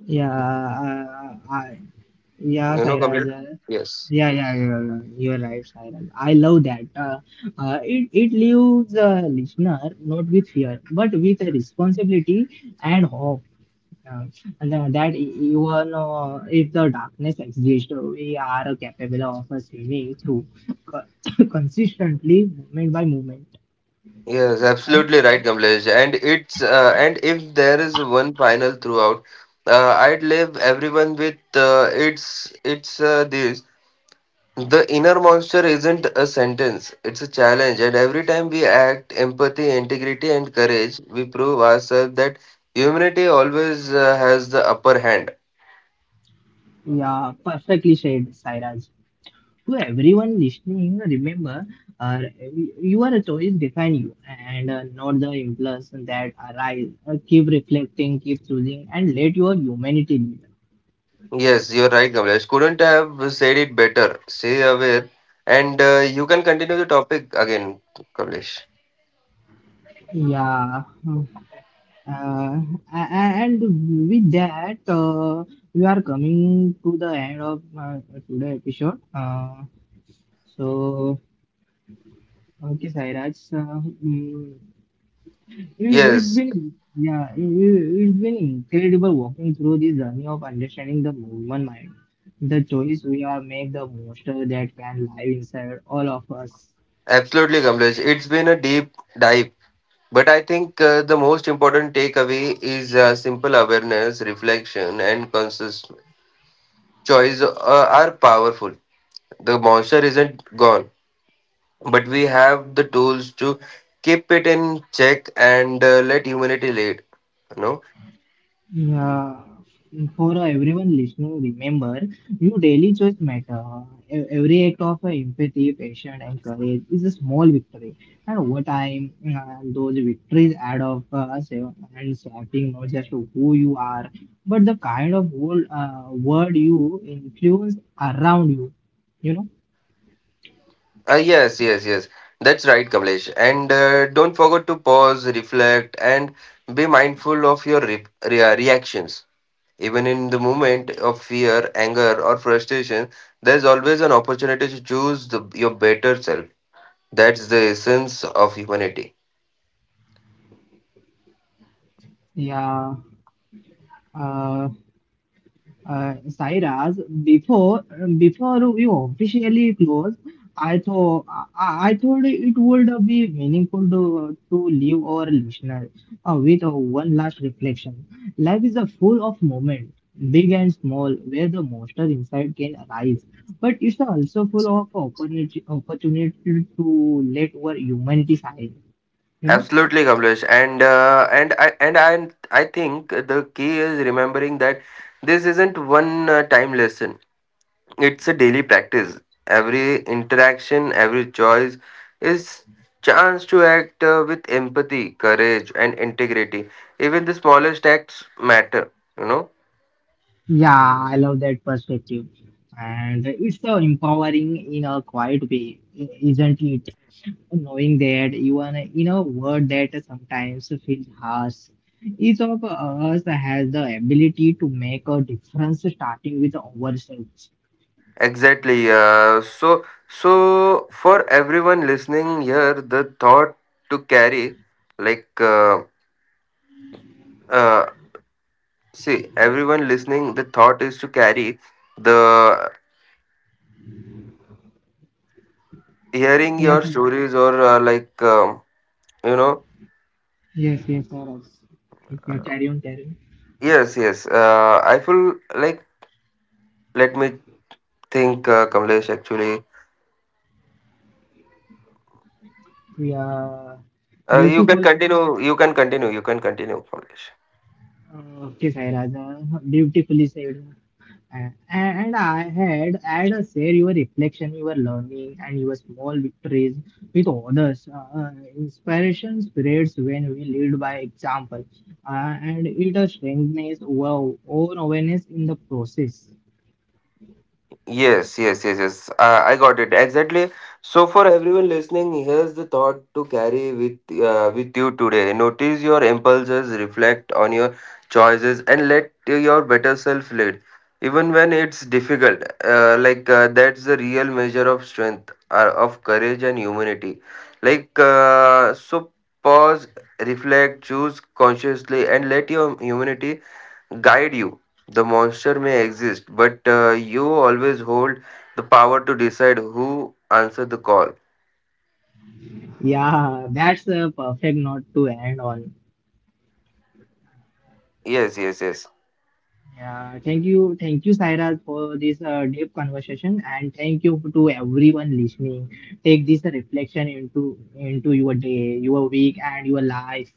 [SPEAKER 1] Yeah, uh, uh,
[SPEAKER 2] you know, Kamlesh?
[SPEAKER 1] Yeah,
[SPEAKER 2] Yes,
[SPEAKER 1] Sairaj. Yeah, you're right, Sairaj. I love that. It it leaves the listener not with fear, but with a responsibility and hope. Uh, and, that even if the darkness exists, we are capable of swimming through [coughs] consistently, moment by moment.
[SPEAKER 2] yes,
[SPEAKER 1] Right?
[SPEAKER 2] absolutely right, Kamlesh. And it's and if there is one final throughout I'd leave everyone with, it's this: the inner monster isn't a sentence, it's a challenge, and every time we act empathy, integrity, and courage, we prove ourselves that humanity always has the upper hand.
[SPEAKER 1] Yeah, perfectly said, Sairaj. To everyone listening, remember, uh, your choice define you, and not the impulse that arise. Keep reflecting, keep choosing, and let your humanity lead.
[SPEAKER 2] Yes, you're right, Kamlesh. Couldn't have said it better. Stay aware, and you can continue the topic again, Kamlesh.
[SPEAKER 1] Yeah, and with that, we are coming to the end of today's episode. So, okay, Sairaj, It's
[SPEAKER 2] Yes,
[SPEAKER 1] been yeah, it's been incredible walking through this journey of understanding the human mind, the choice we are make, the monster that can live inside all of us.
[SPEAKER 2] absolutely, Kamlesh. It's been a deep dive, but I think the most important takeaway is simple awareness, reflection, and conscious choice are powerful. The monster isn't gone, but we have the tools to keep it in check and let humanity lead. You know?
[SPEAKER 1] Yeah, for everyone listening, remember your daily choice matter. Every act of empathy, patience, and courage is a small victory. And over time, those victories add up and shaping not just who you are, but the kind of world, world you influence around you. You know?
[SPEAKER 2] Yes, yes, yes. That's right, Kamlesh. And don't forget to pause, reflect, and be mindful of your reactions. Even in the moment of fear, anger, or frustration, there's always an opportunity to choose the, your better self. That's the essence of humanity.
[SPEAKER 1] Yeah. Uh, Sairaj, before we officially close, I thought I thought it would be meaningful to leave our listener with one last reflection. Life is a full of moments, big and small, where the monster inside can arise, but it's also full of opportunity to let our humanity shine. You know.
[SPEAKER 2] Absolutely, Kamlesh, and I think the key is remembering that this isn't one time lesson. It's a daily practice. Every interaction, every choice is chance to act with empathy, courage, and integrity. Even the smallest acts matter. You know,
[SPEAKER 1] Yeah, I love that perspective. And it's so empowering in a quiet way, isn't it? Knowing that even in a word that sometimes feels harsh, each of us has the ability to make a difference starting with ourselves.
[SPEAKER 2] exactly. So for everyone listening here, the thought to carry like. Uh, See, everyone listening, the thought is to carry the hearing your
[SPEAKER 1] Yes, I-
[SPEAKER 2] stories or you know.
[SPEAKER 1] yes, yes, Gaurav. Yeah, carry on, carry on.
[SPEAKER 2] Yes, yes. I feel like let me think, Kamlesh. Actually,
[SPEAKER 1] We are
[SPEAKER 2] you can
[SPEAKER 1] beautiful.
[SPEAKER 2] continue. You can continue. You can continue, Kamlesh.
[SPEAKER 1] Okay, Sai Raja, beautifully said. And I had a share your reflection, your learning, and your small victories with others. Inspiration spreads when we lead by example, and it strengthens our own awareness in the process.
[SPEAKER 2] Yes, yes, yes, yes. I got it exactly. So, for everyone listening, here's the thought to carry with you today. Notice your impulses, reflect on your choices, and let your better self lead, even when it's difficult. That's the real measure of strength, of courage and humanity. So, pause, reflect, choose consciously, and let your humanity guide you. The monster may exist, but you always hold the power to decide who answer the call.
[SPEAKER 1] Yeah, that's a perfect note to end on.
[SPEAKER 2] Yes, yes, yes,
[SPEAKER 1] Yeah, thank you, Sairaj, for this deep conversation, and thank you to everyone listening. Take this reflection into your day, your week, and your life.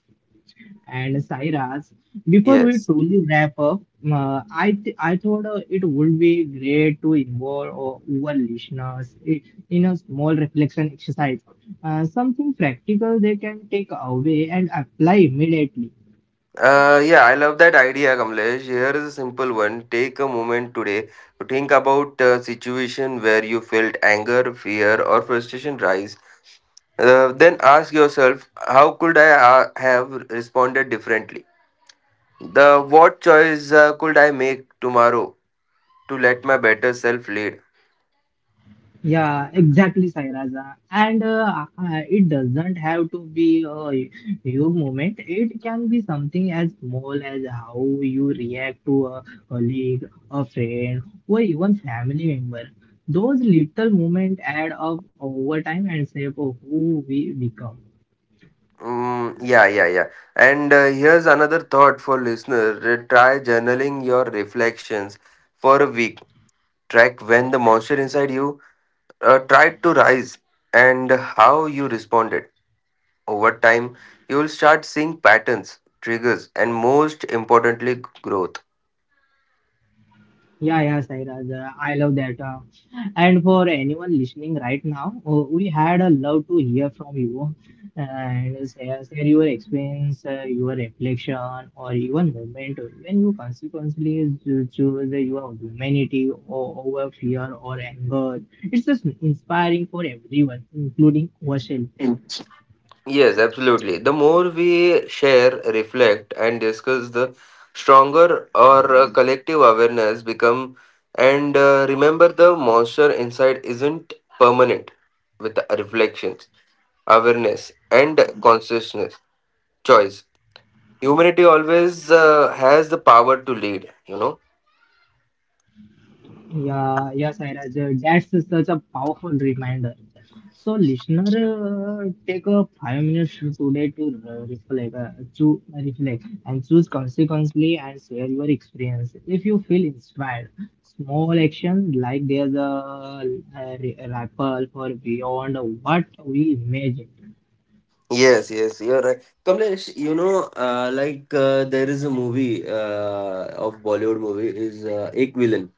[SPEAKER 1] And Sairaj. Before we
[SPEAKER 2] yes.
[SPEAKER 1] truly wrap up, I thought it would be great to involve our listeners in a small reflection exercise, something practical they can take away and apply immediately.
[SPEAKER 2] Yeah, I love that idea, Kamlesh. Here is a simple one. Take a moment today to think about a situation where you felt anger, fear, or frustration rise. Then ask yourself, how could have responded differently? The what choice could I make tomorrow to let my better self lead?
[SPEAKER 1] Yeah, exactly, Sairaza. And it doesn't have to be a huge moment. It can be something as small as how you react to a colleague, a friend, or even family member. Those little moments add up over time and shape of who we become.
[SPEAKER 2] Mm, yeah, yeah, yeah. And here's another thought for listener. Try journaling your reflections for a week. Track when the monster inside you tried to rise and how you responded. Over time, you will start seeing patterns, triggers, and most importantly, growth.
[SPEAKER 1] Yeah, yeah, Sairaj. I love that. And for anyone listening right now, we had a love to hear from you and share your experience, your reflection, or even moment when you consequently choose your humanity or over fear or anger. It's just inspiring for everyone, including ourselves.
[SPEAKER 2] Yes, absolutely. The more we share, reflect, and discuss, the stronger our collective awareness become. And remember, the monster inside isn't permanent. With reflections, awareness, and consciousness, choice, humanity always has the power to lead. You know.
[SPEAKER 1] Yeah, yeah, Sairaj. That's such a powerful reminder. So, listener, take a 5 minutes today to reflect and choose consequently and share your experience. If you feel inspired, small actions like a ripple for beyond what we imagine.
[SPEAKER 2] Yes, yes, you're right, Kamlesh. You know, there is a movie of Bollywood movie is Ek Villain.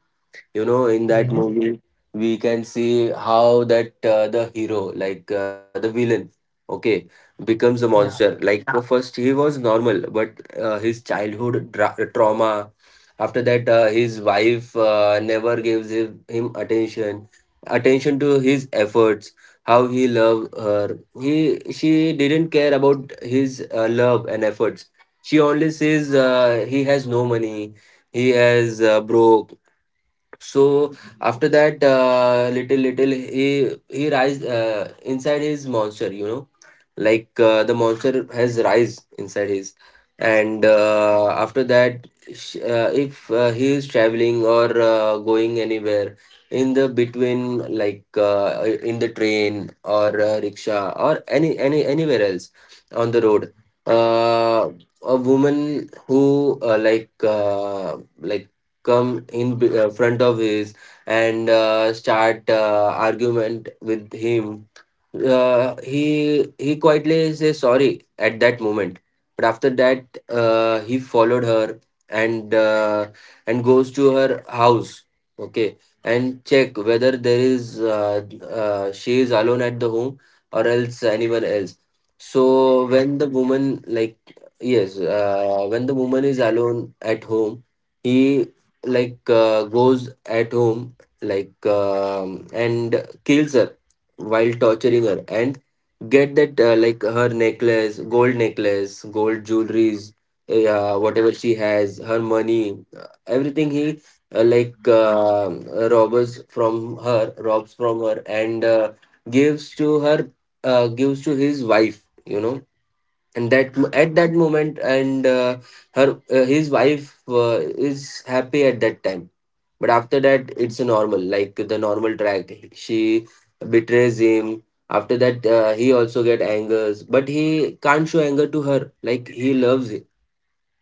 [SPEAKER 2] You know, in that
[SPEAKER 1] Yes.
[SPEAKER 2] movie, we can see how that the hero, the villain, okay, becomes a monster.
[SPEAKER 1] Yeah.
[SPEAKER 2] First he was normal, but his childhood trauma. After that, his wife never gives him attention, attention to his efforts. How he loved her. He She didn't care about his love and efforts. She only says he has no money, he has broke. So after that, little little he rise inside his monster. You know, the monster has rise inside his, and after that, if he is traveling or going anywhere in the between, in the train or rickshaw or anywhere else on the road, uh, a woman who like come in front of his and start argument with him. He quietly says sorry at that moment, but after that he followed her and goes to her house, okay, and check whether there is she is alone at the home or else anyone else. So when the woman like, yes, when the woman is alone at home, he goes at home, and kills her while torturing her and get that like her necklace, gold necklace, gold jewelries, yeah, whatever she has, her money, everything, he uh, like uh, robbers from her robs from her and gives to her, gives to his wife, you know. And that at that moment, and her his wife is happy at that time. But after that, it's a normal, like the normal track, she betrays him. After that he also get angers, but he can't show anger to her, like he loves it,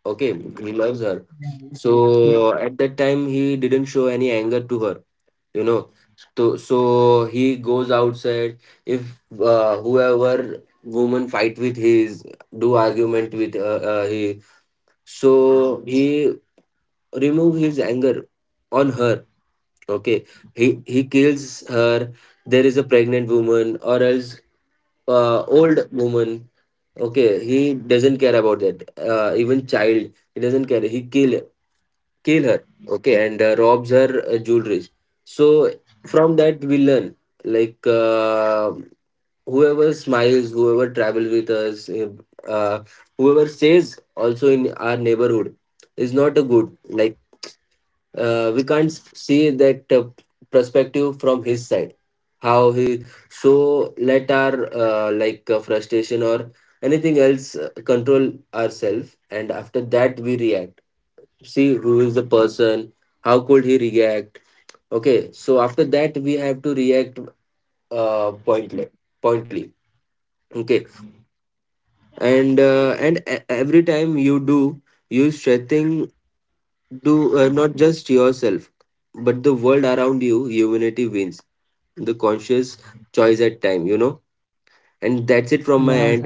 [SPEAKER 2] okay, he loves her.
[SPEAKER 1] Yeah.
[SPEAKER 2] So
[SPEAKER 1] Okay.
[SPEAKER 2] at that time he didn't show any anger to her, you know. So so he goes outside. If whoever woman fight with his, do argument with he, so he remove his anger on her, okay, he kills her. There is a pregnant woman or else old woman, okay, he doesn't care about that, even child, he doesn't care, he kill her, okay, and robs her jewelries. So from that we learn, like uh, whoever smiles, whoever travels with us, uh, whoever stays also in our neighborhood is not a good, like, we can't see that perspective from his side, how he. So let our frustration or anything else control ourselves, and after that we react. See who is the person, how could he react, okay, so after that we have to react, uh, pointly, pointly, okay. And e- every time you do, you strengthen do, not just yourself but the world around you. Humanity wins the conscious choice at time, you know. And that's it from my
[SPEAKER 1] Yes.
[SPEAKER 2] end.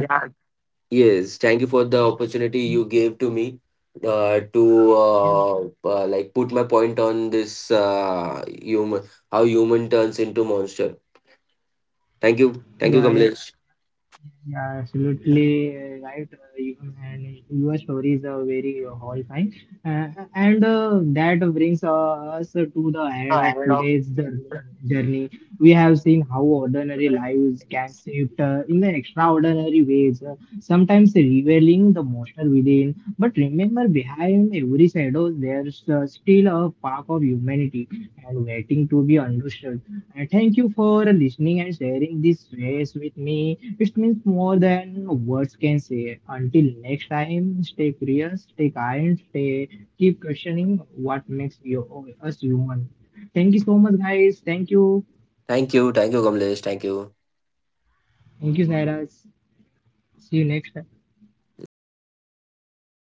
[SPEAKER 2] Yes, thank you for the opportunity you gave to me to
[SPEAKER 1] Yeah.
[SPEAKER 2] like put my point on this human, how human turns into monster. Thank you,
[SPEAKER 1] Yeah. Yeah.
[SPEAKER 2] Kamlesh.
[SPEAKER 1] Yeah, absolutely right. Even and your stories are very horrifying, uh, and that brings us to the end of today's journey. Journey we have seen how ordinary lives can shift in the extraordinary ways, sometimes revealing the monster within. But remember, behind every shadow, there's still a spark of humanity and waiting to be understood. Thank you for listening and sharing this space with me. It means more than words can say. Until next time, stay curious, stay kind, stay keep questioning what makes you us human. Thank you so much, guys. Thank you.
[SPEAKER 2] Thank you, Kamlesh. Thank you.
[SPEAKER 1] Thank you, Cyrus. See you next time.
[SPEAKER 2] Yeah.